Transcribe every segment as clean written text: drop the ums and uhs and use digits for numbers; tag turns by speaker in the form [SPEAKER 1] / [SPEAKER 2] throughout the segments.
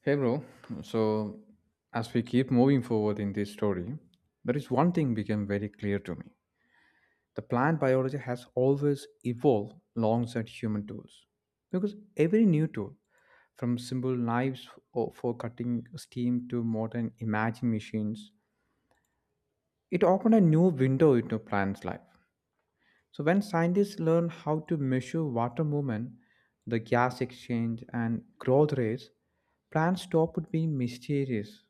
[SPEAKER 1] Hey, bro. So, as we keep moving forward in this story, there is one thing became very clear to me. The plant biology has always evolved alongside human tools. Because every new tool, from simple knives for cutting steam to modern imaging machines, it opened a new window into plants' life. So, when scientists learn how to measure water movement, the gas exchange, and growth rates, plants stopped being mysterious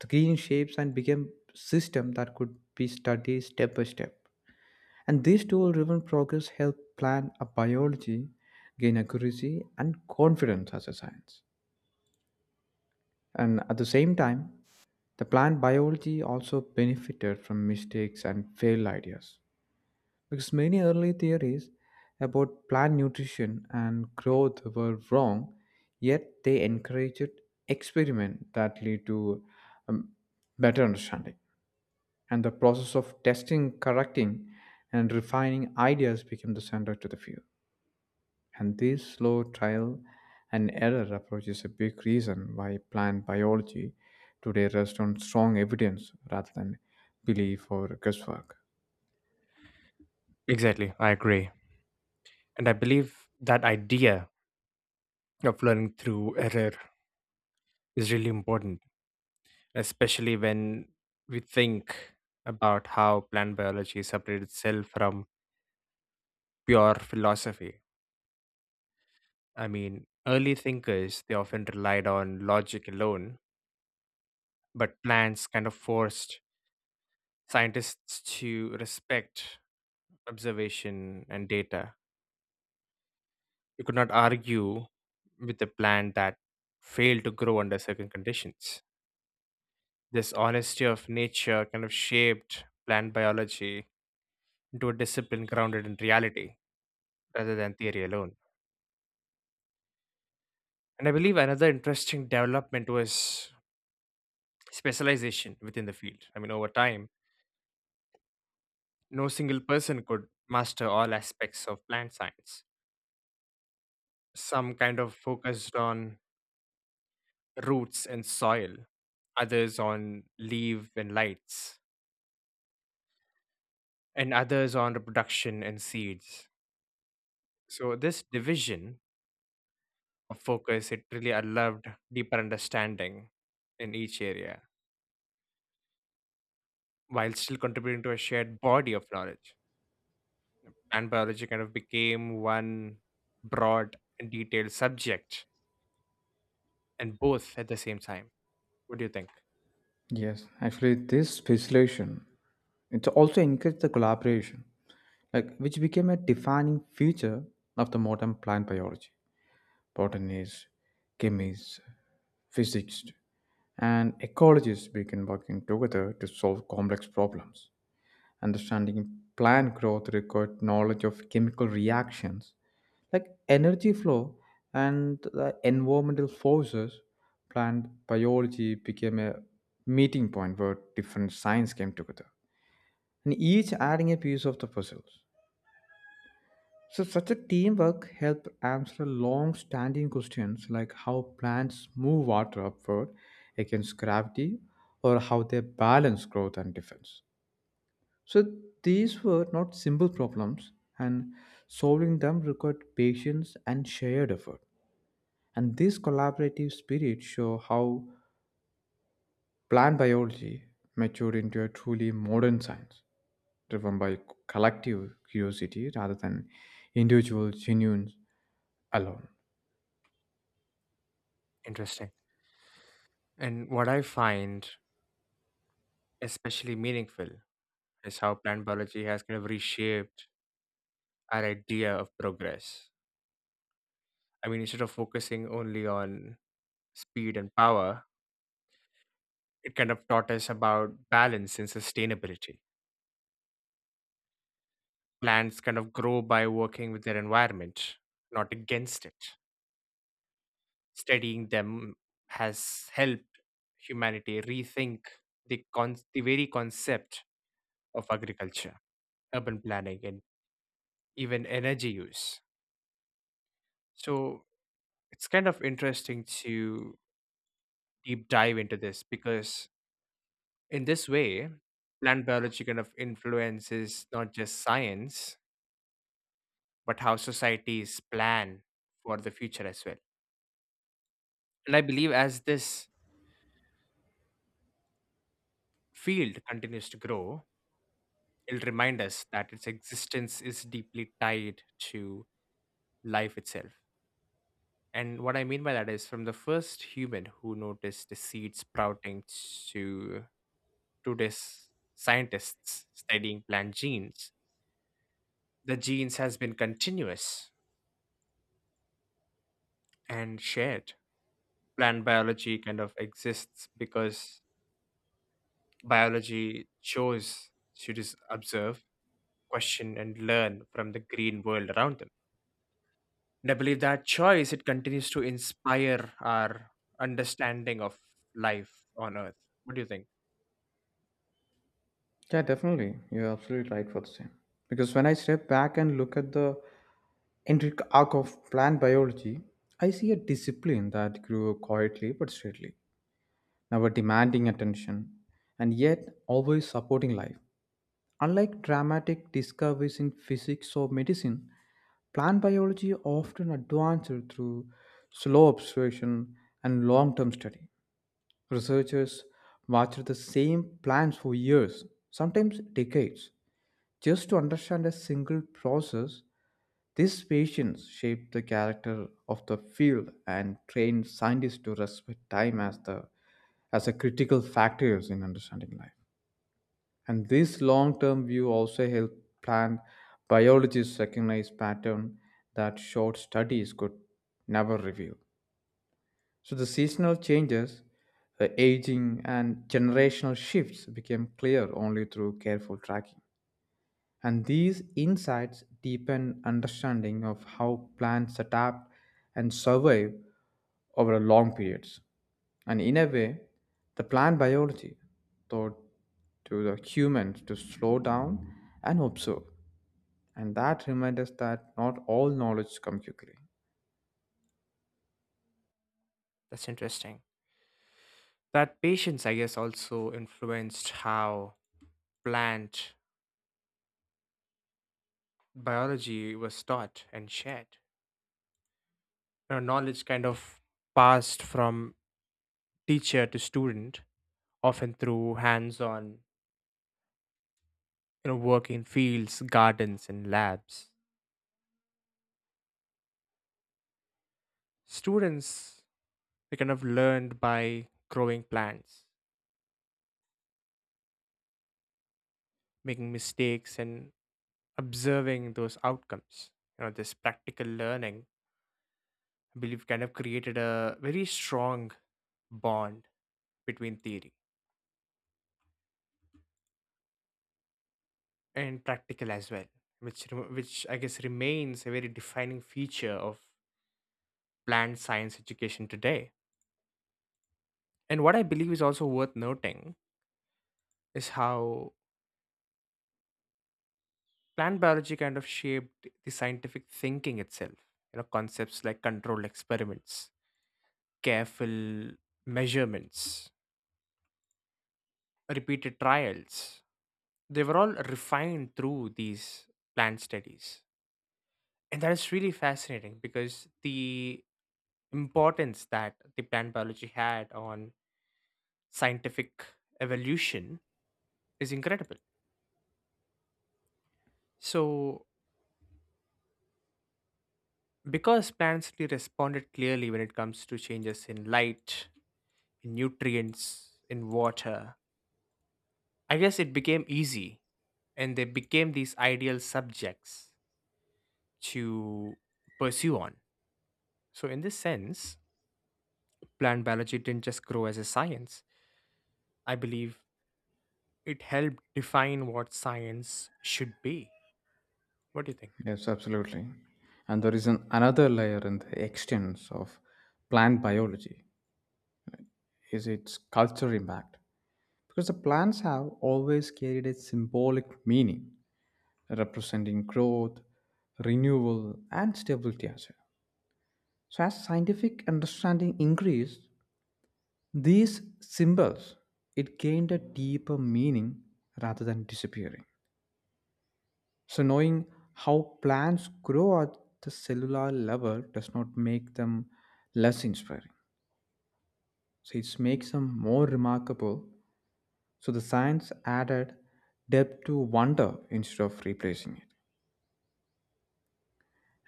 [SPEAKER 1] the green shapes and became system that could be studied step by step. And this tool-driven progress helped plan a biology, gain accuracy and confidence as a science. And at the same time, the plant biology also benefited from mistakes and failed ideas because many early theories about plant nutrition and growth were wrong, yet they encouraged experiment that lead to um, better understanding. And the process of testing, correcting, and refining ideas became the center to the view. And this slow trial and error approach is a big reason why plant biology today rests on strong evidence rather than belief or guesswork.
[SPEAKER 2] Exactly, I agree. And I believe that idea of learning through error is really important, especially when we think about how plant biology separated itself from pure philosophy. I mean, early thinkers, they often relied on logic alone, but plants kind of forced scientists to respect observation and data. You could not argue with a plant that failed to grow under certain conditions. This honesty of nature kind of shaped plant biology into a discipline grounded in reality rather than theory alone. And I believe another interesting development was specialization within the field. I mean, over time, no single person could master all aspects of plant science. Some kind of focused on roots and soil, others on leaf and lights, and others on reproduction and seeds. So, this division of focus, it really allowed deeper understanding in each area while still contributing to a shared body of knowledge. Plant biology kind of became one broad and detailed subject, and both at the same time. What do you think?
[SPEAKER 1] Yes, actually, this specialization it also encouraged the collaboration, like which became a defining feature of the modern plant biology. Botanists, chemists, physicists, and ecologists began working together to solve complex problems. Understanding plant growth required knowledge of chemical reactions like energy flow and the environmental forces. Plant biology became a meeting point where different science came together, and each adding a piece of the puzzle. So such a teamwork helped answer long-standing questions like how plants move water upward against gravity or how they balance growth and defense. So these were not simple problems and solving them required patience and shared effort. And this collaborative spirit show how plant biology matured into a truly modern science driven by collective curiosity rather than individual genuine alone.
[SPEAKER 2] Interesting. And what I find especially meaningful is how plant biology has kind of reshaped our idea of progress. I mean, instead of focusing only on speed and power, it kind of taught us about balance and sustainability. Plants kind of grow by working with their environment, not against it. Studying them has helped humanity rethink the very concept of agriculture, urban planning, and even energy use. So it's kind of interesting to deep dive into this because, in this way, plant biology kind of influences not just science, but how societies plan for the future as well. And I believe as this field continues to grow, it'll remind us that its existence is deeply tied to life itself. And what I mean by that is from the first human who noticed the seed sprouting to today's scientists studying plant genes, the genes has been continuous and shared. Plant biology kind of exists because biology chose to just observe, question, and learn from the green world around them. And I believe that choice it continues to inspire our understanding of life on Earth. What do you think?
[SPEAKER 1] Yeah, definitely. You're absolutely right for the same. Because when I step back and look at the intricate arc of plant biology, I see a discipline that grew quietly but steadily, never demanding attention, and yet always supporting life. Unlike dramatic discoveries in physics or medicine, plant biology often advances through slow observation and long term study. Researchers watch the same plants for years, sometimes decades just to understand a single process, this patience shaped the character of the field and trained scientists to respect time as the as a critical factors in understanding life. And this long-term view also helped plant biologists recognize pattern that short studies could never reveal. So the seasonal changes, the aging and generational shifts became clear only through careful tracking and these insights deepen understanding of how plants adapt and survive over long periods. And in a way, the plant biology taught to the humans to slow down and observe. And that reminds us that not all knowledge comes quickly.
[SPEAKER 2] That's interesting. That patience, I guess, also influenced how plant biology was taught and shared. You know, knowledge kind of passed from teacher to student, often through hands-on, you know, work in fields, gardens, and labs. Students they kind of learned by growing plants, making mistakes, and observing those outcomes. You know, this practical learning, I believe, kind of created a very strong bond between theory and practical as well, which I guess remains a very defining feature of plant science education today. And what I believe is also worth noting is how plant biology kind of shaped the scientific thinking itself. You know, concepts like controlled experiments, careful measurements, repeated trials, they were all refined through these plant studies, and that is really fascinating because the importance that the plant biology had on scientific evolution is incredible. So because plants really responded clearly when it comes to changes in light, in nutrients, in water, I guess it became easy and they became these ideal subjects to pursue on. So in this sense, plant biology didn't just grow as a science. I believe it helped define what science should be. What do you think?
[SPEAKER 1] Yes, absolutely. And there is another layer in the extents of plant biology is its cultural impact. Because the plants have always carried a symbolic meaning representing growth, renewal, and stability as well. So, as scientific understanding increased, these symbols it gained a deeper meaning rather than disappearing. So, knowing how plants grow at the cellular level does not make them less inspiring. So, it makes them more remarkable. So, the science added depth to wonder instead of replacing it.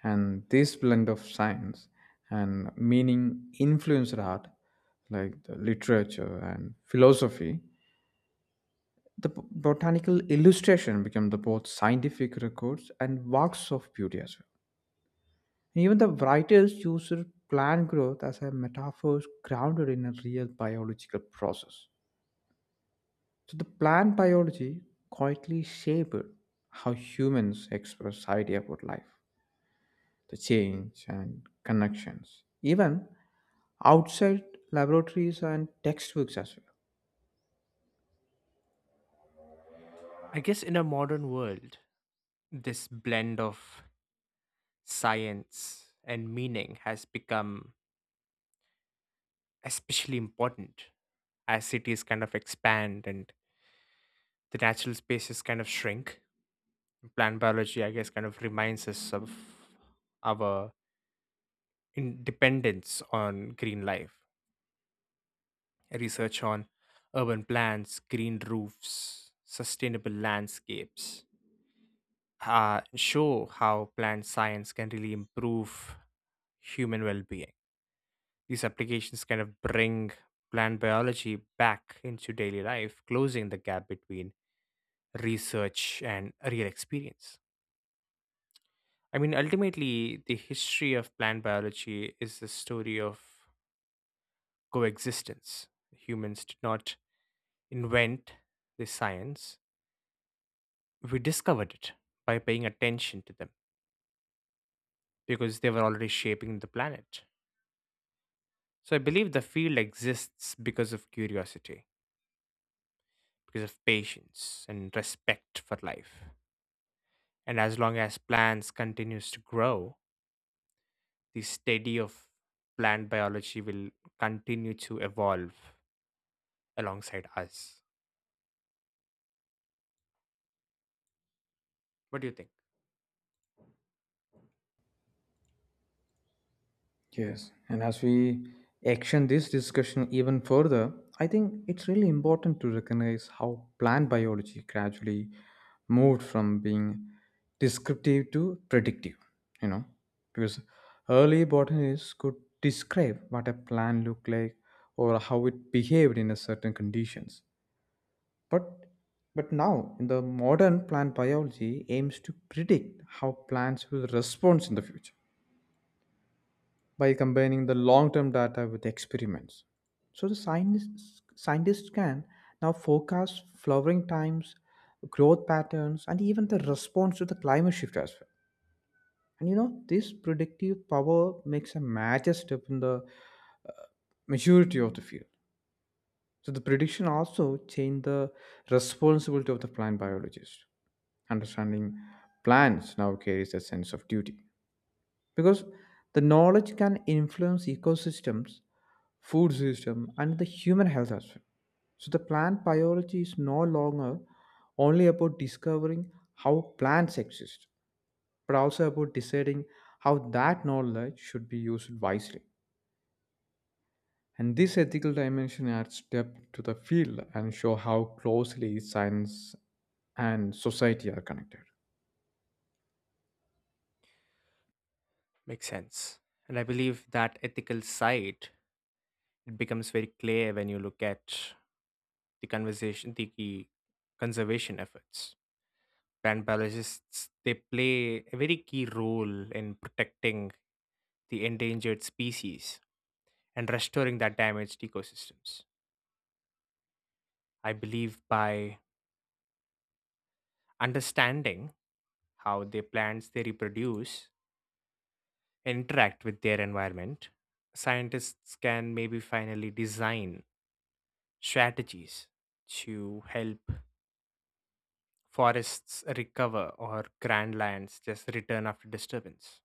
[SPEAKER 1] And this blend of science and meaning influenced art like the literature and philosophy, the botanical illustration became the both scientific records and works of beauty as well. Even the writers used plant growth as a metaphor grounded in a real biological process. So the plant biology quietly shaped how humans express idea about life, the change and connections, even outside laboratories and textbooks as well.
[SPEAKER 2] I guess in a modern world, this blend of science and meaning has become especially important as cities kind of expand and the natural spaces kind of shrink. Plant biology, I guess, kind of reminds us of our independence on green life, research on urban plans, green roofs, sustainable landscapes. Show how plant science can really improve human well being. These applications kind of bring plant biology back into daily life, closing the gap between research and real experience. I mean, ultimately, the history of plant biology is the story of coexistence. Humans did not invent the science, we discovered it by paying attention to them because they were already shaping the planet. So I believe the field exists because of curiosity, because of patience and respect for life. And as long as plants continues to grow, the study of plant biology will continue to evolve alongside us. What do you think?
[SPEAKER 1] Yes, and as we Action this discussion even further, I think it's really important to recognize how plant biology gradually moved from being descriptive to predictive, you know, because early botanists could describe what a plant looked like or how it behaved in a certain conditions. But but now in the modern plant biology aims to predict how plants will respond in the future by combining the long-term data with experiments. So the scientists can now forecast flowering times, growth patterns, and even the response to the climate shift as well. And you know this predictive power makes a major step in the uh, maturity of the field. So the prediction also changed the responsibility of the plant biologist. Understanding plants now carries a sense of duty because the knowledge can influence ecosystems, food system and the human health as well. So the plant biology is no longer only about discovering how plants exist, but also about deciding how that knowledge should be used wisely. And this ethical dimension adds depth to the field and show how closely science and society are connected.
[SPEAKER 2] Makes sense. And I believe that ethical side it becomes very clear when you look at the conversation, the key conservation efforts. Plant biologists they play a very key role in protecting the endangered species and restoring that damaged ecosystems. I believe by understanding how the plants they reproduce, interact with their environment, scientists can maybe finally design strategies to help forests recover or grand lands just return after disturbance.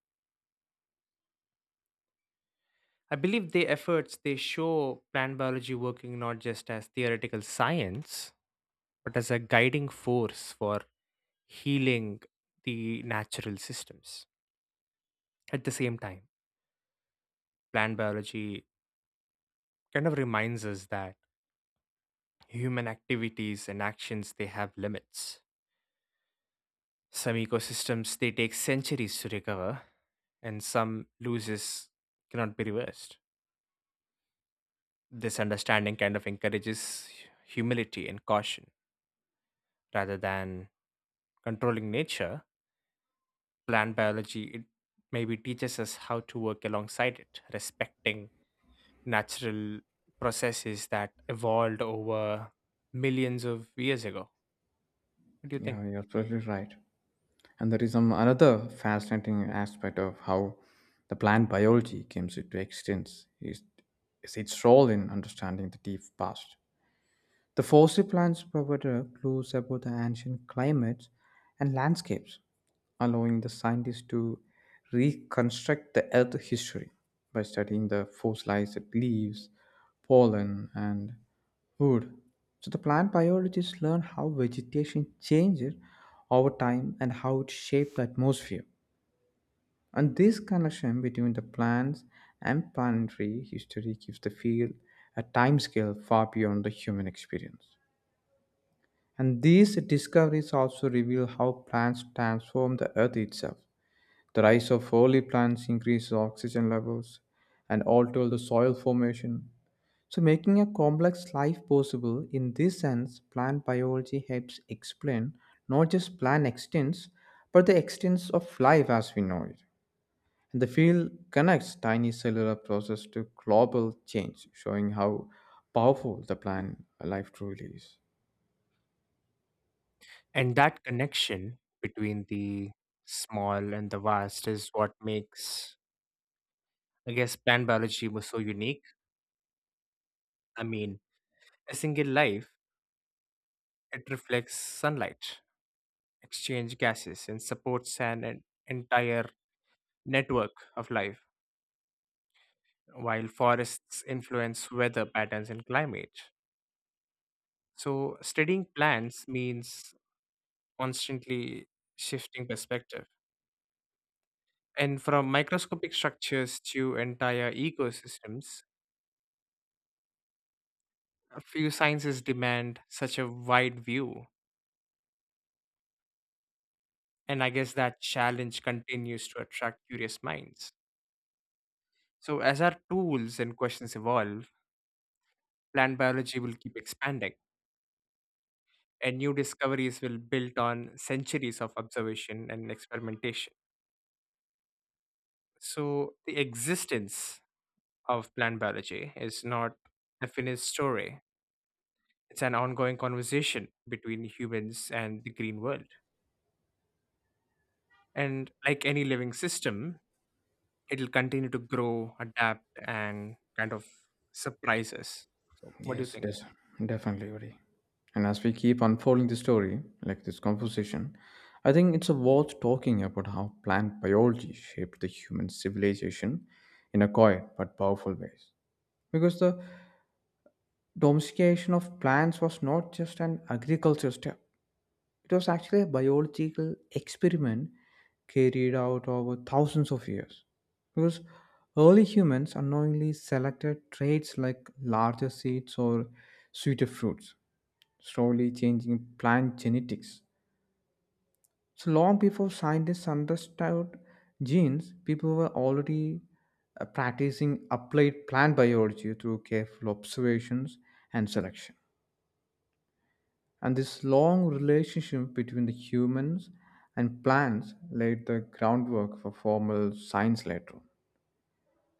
[SPEAKER 2] I believe the efforts they show plant biology working not just as theoretical science, but as a guiding force for healing the natural systems. At the same time, plant biology kind of reminds us that human activities and actions they have limits. Some ecosystems they take centuries to recover, and some loses cannot be reversed. This understanding kind of encourages humility and caution rather than controlling nature. Plant biology, it maybe teaches us how to work alongside it, respecting natural processes that evolved over millions of years ago. What do you think?
[SPEAKER 1] Yeah, you're absolutely right. And there is some another fascinating aspect of how the plant biology comes into existence is its role in understanding the deep past. The fossil plants provide clues about the ancient climates and landscapes, allowing the scientists to reconstruct the Earth history by studying the fossilized leaves, pollen, and wood. So the plant biologists learn how vegetation changes over time and how it shaped the atmosphere. And this connection between the plants and planetary history gives the field a timescale far beyond the human experience. And these discoveries also reveal how plants transform the earth itself, the rise of early plants increases oxygen levels and alters the soil formation. So, making a complex life possible in this sense, plant biology helps explain not just plant extents, but the extents of life as we know it. And the field connects tiny cellular process to global change, showing how powerful the plant life truly is.
[SPEAKER 2] And that connection between the small and the vast is what makes, I guess, plant biology was so unique. I mean, a single life, it reflects sunlight, exchange gases and supports an entire network of life, while forests influence weather patterns and climate. So, studying plants means constantly shifting perspective. And from microscopic structures to entire ecosystems, a few sciences demand such a wide view. And I guess that challenge continues to attract curious minds. So, as our tools and questions evolve, plant biology will keep expanding and new discoveries will build on centuries of observation and experimentation. So, the existence of plant biology is not a finished story, it's an ongoing conversation between humans and the green world. And like any living system, it'll continue to grow, adapt, and kind of surprise us. So, what do you
[SPEAKER 1] Yes,
[SPEAKER 2] think?
[SPEAKER 1] definitely, Uri. And as we keep unfolding the story, like this conversation, I think it's worth talking about how plant biology shaped the human civilization in a quiet but powerful ways. Because the domestication of plants was not just an agricultural step; it was actually a biological experiment carried out over thousands of years. Because early humans unknowingly selected traits like larger seeds or sweeter fruits, slowly changing plant genetics. So long before scientists understood genes, people were already practicing applied plant biology through careful observations and selection. And this long relationship between the humans and plants laid the groundwork for formal science later on.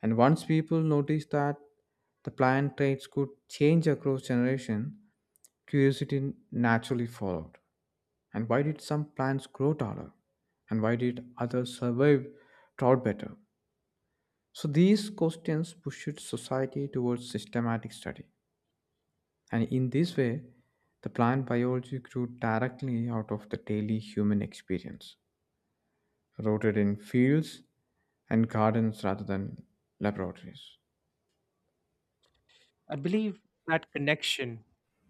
[SPEAKER 1] And once people noticed that the plant traits could change across generation, curiosity naturally followed. And why did some plants grow taller? And why did others survive drought better? So these questions pushed society towards systematic study. And in this way, the plant biology grew directly out of the daily human experience, rooted in fields and gardens rather than laboratories.
[SPEAKER 2] I believe that connection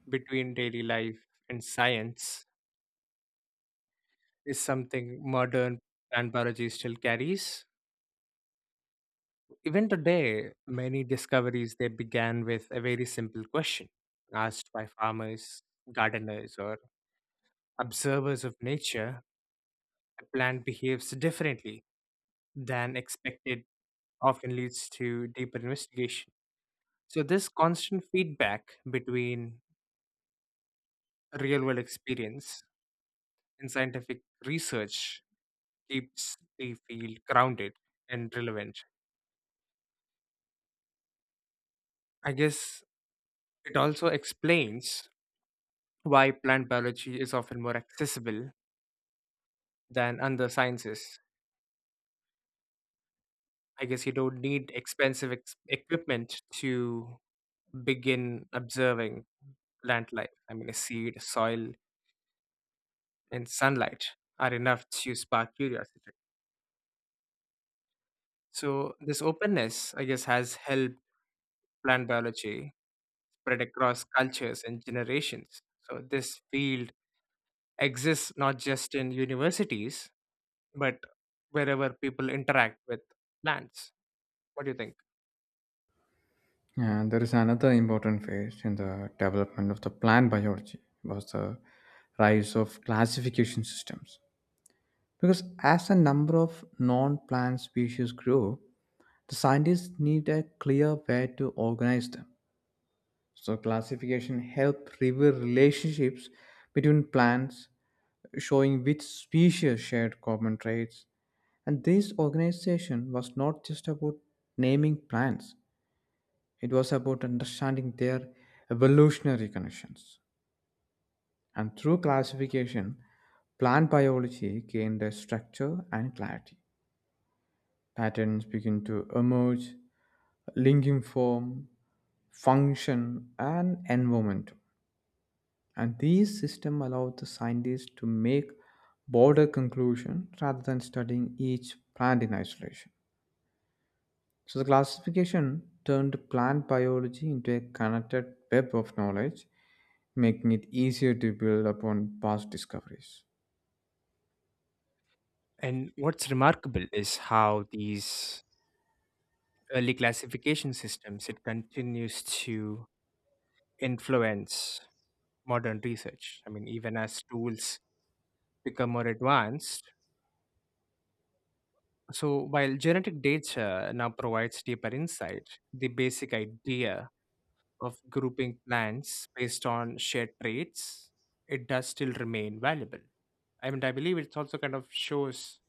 [SPEAKER 2] between daily life and science is something modern plant biology still carries. Even today, many discoveries they began with a very simple question asked by farmers, gardeners, or observers of nature. A plant behaves differently than expected, often leads to deeper investigation. So, this constant feedback between real world experience and scientific research keeps the field grounded and relevant. I guess it also explains why plant biology is often more accessible than other sciences. I guess you don't need expensive equipment to begin observing plant life. I mean, a seed, soil, and sunlight are enough to spark curiosity. So, this openness, I guess, has helped plant biology spread across cultures and generations. So, this field exists not just in universities, but wherever people interact with plants. What do you think?
[SPEAKER 1] And there is another important phase in the development of the plant biology was the rise of classification systems. Because as the number of non plant species grew, the scientists need a clear way to organize them. So, classification helped reveal relationships between plants, showing which species shared common traits. And this organization was not just about naming plants, it was about understanding their evolutionary connections. And through classification, plant biology gained a structure and clarity. Patterns begin to emerge, linking form, function, and environment. And these systems allow the scientists to make broader conclusion rather than studying each plant in isolation. So the classification turned plant biology into a connected web of knowledge, making it easier to build upon past discoveries.
[SPEAKER 2] And what's remarkable is how these early classification systems it continues to influence modern research. I mean, even as tools become more advanced. So while genetic data now provides deeper insight, the basic idea of grouping plants based on shared traits, it does still remain valuable. I mean, I believe it also kind of shows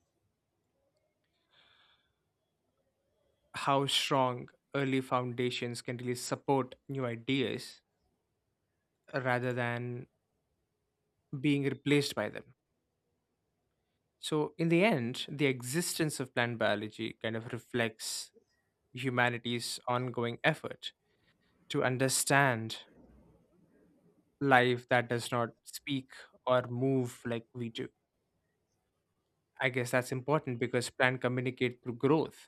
[SPEAKER 2] how strong early foundations can really support new ideas rather than being replaced by them. So, in the end, the existence of plant biology kind of reflects humanity's ongoing effort to understand life that does not speak or move like we do. I guess that's important because plants communicate through growth,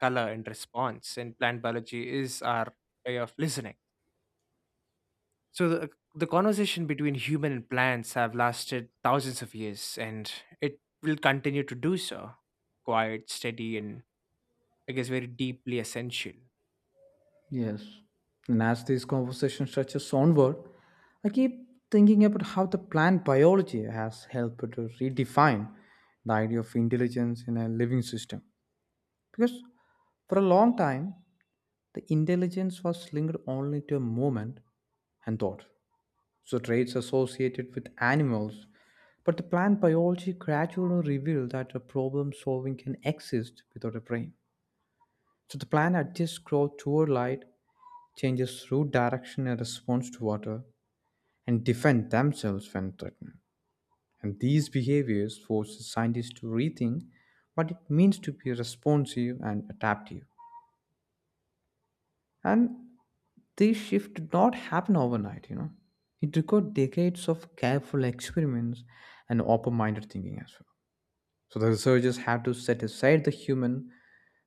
[SPEAKER 2] color, and response, and plant biology is our way of listening. So the conversation between human and plants have lasted thousands of years, and it will continue to do so. Quiet, steady, and I guess very deeply essential.
[SPEAKER 1] Yes. And as this conversation stretches onward, I keep thinking about how the plant biology has helped to redefine the idea of intelligence in a living system. Because for a long time, the intelligence was linked only to a moment and thought. So traits associated with animals. But the plant biology gradually revealed that a problem solving can exist without a brain. So the plant adjusts growth toward light, changes route direction in response to water, and defend themselves when threatened. And these behaviors force scientists to rethink what it means to be responsive and adaptive. And this shift did not happen overnight, you know. It required decades of careful experiments and open minded thinking as well. So the researchers had to set aside the human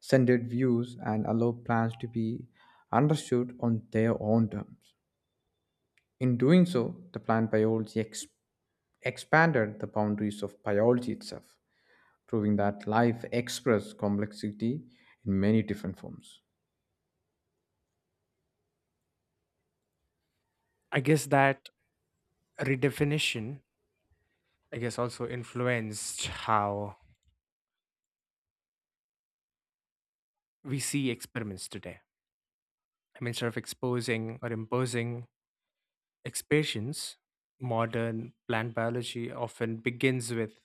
[SPEAKER 1] centered views and allow plants to be understood on their own terms. In doing so, the plant biology expanded the boundaries of biology itself, proving that life expresses complexity in many different forms.
[SPEAKER 2] I guess that redefinition, I guess, also influenced how we see experiments today. I mean, sort of exposing or imposing expressions, modern plant biology often begins with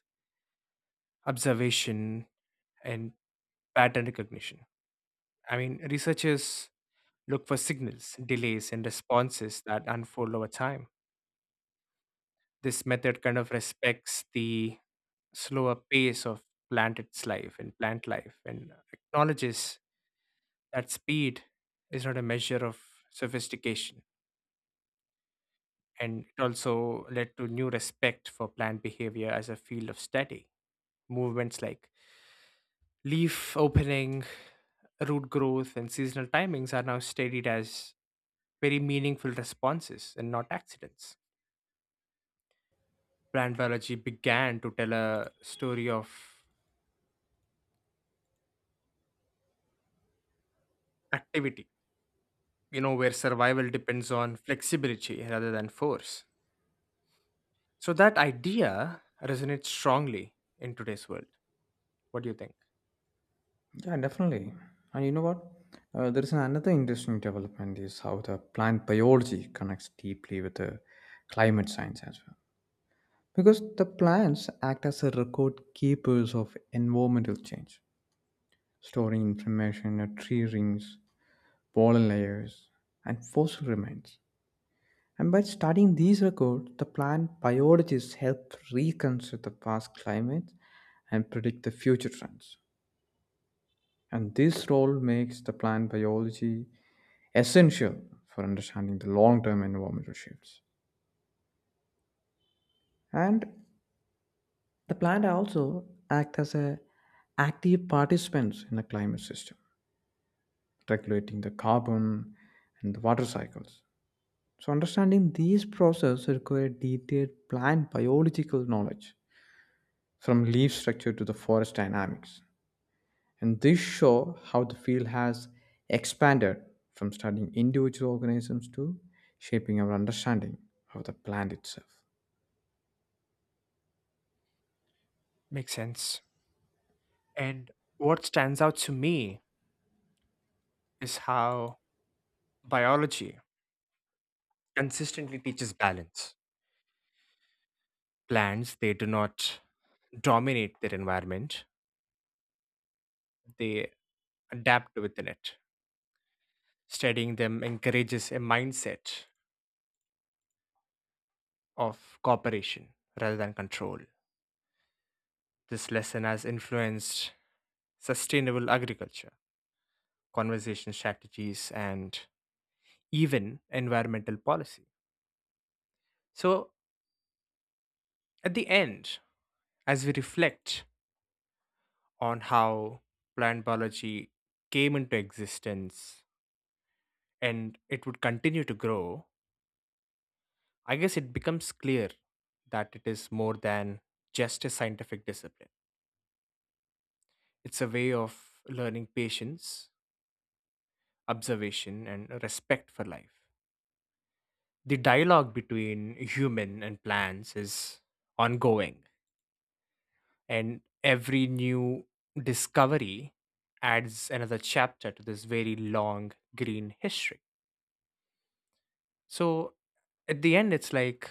[SPEAKER 2] observation and pattern recognition. I mean, researchers look for signals, delays, and responses that unfold over time. This method kind of respects the slower pace of plant life and acknowledges that speed is not a measure of sophistication. And it also led to new respect for plant behavior as a field of study. Movements like leaf opening, root growth and seasonal timings are now studied as very meaningful responses and not accidents. Plant biology began to tell a story of activity, you know, where survival depends on flexibility rather than force. So that idea resonates strongly in today's world. What do you think?
[SPEAKER 1] Yeah, definitely. And you know what? There is another interesting development is how the plant biology connects deeply with the climate science as well. Because the plants act as a record keepers of environmental change, storing information at tree rings, pollen layers, and fossil remains. And by studying these records, the plant biologists help reconstruct the past climates and predict the future trends. And this role makes the plant biology essential for understanding the long-term environmental shifts. And the plant also act as a active participants in the climate system, regulating the carbon and the water cycles. So understanding these processes require detailed plant biological knowledge from leaf structure to the forest dynamics. And this show how the field has expanded from studying individual organisms to shaping our understanding of the plant itself.
[SPEAKER 2] Makes sense. And what stands out to me is how biology consistently teaches balance. Plants, they do not dominate their environment, they adapt within it. Studying them encourages a mindset of cooperation rather than control. This lesson has influenced sustainable agriculture, conservation strategies, and even environmental policy. So, at the end, as we reflect on how plant biology came into existence and it would continue to grow, I guess it becomes clear that it is more than just a scientific discipline. It's a way of learning patience, observation, and respect for life. The dialogue between human and plants is ongoing, and every new discovery adds another chapter to this very long green history. So, at the end, it's like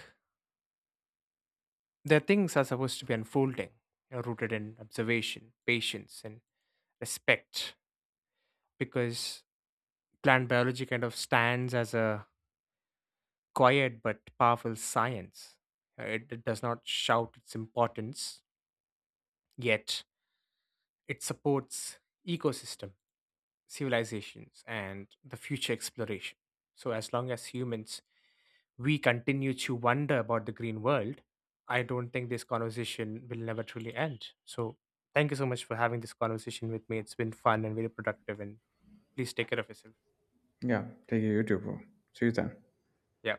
[SPEAKER 2] the things are supposed to be unfolding, you know, rooted in observation, patience, and respect, because plant biology kind of stands as a quiet but powerful science. It does not shout its importance, yet it supports ecosystem, civilizations, and the future exploration. So as long as humans we continue to wonder about the green world, I don't think this conversation will never truly end. So thank you so much for having this conversation with me. It's been fun and very productive and please take care of yourself.
[SPEAKER 1] Yeah, take it YouTube, bro. See you then.
[SPEAKER 2] Yeah.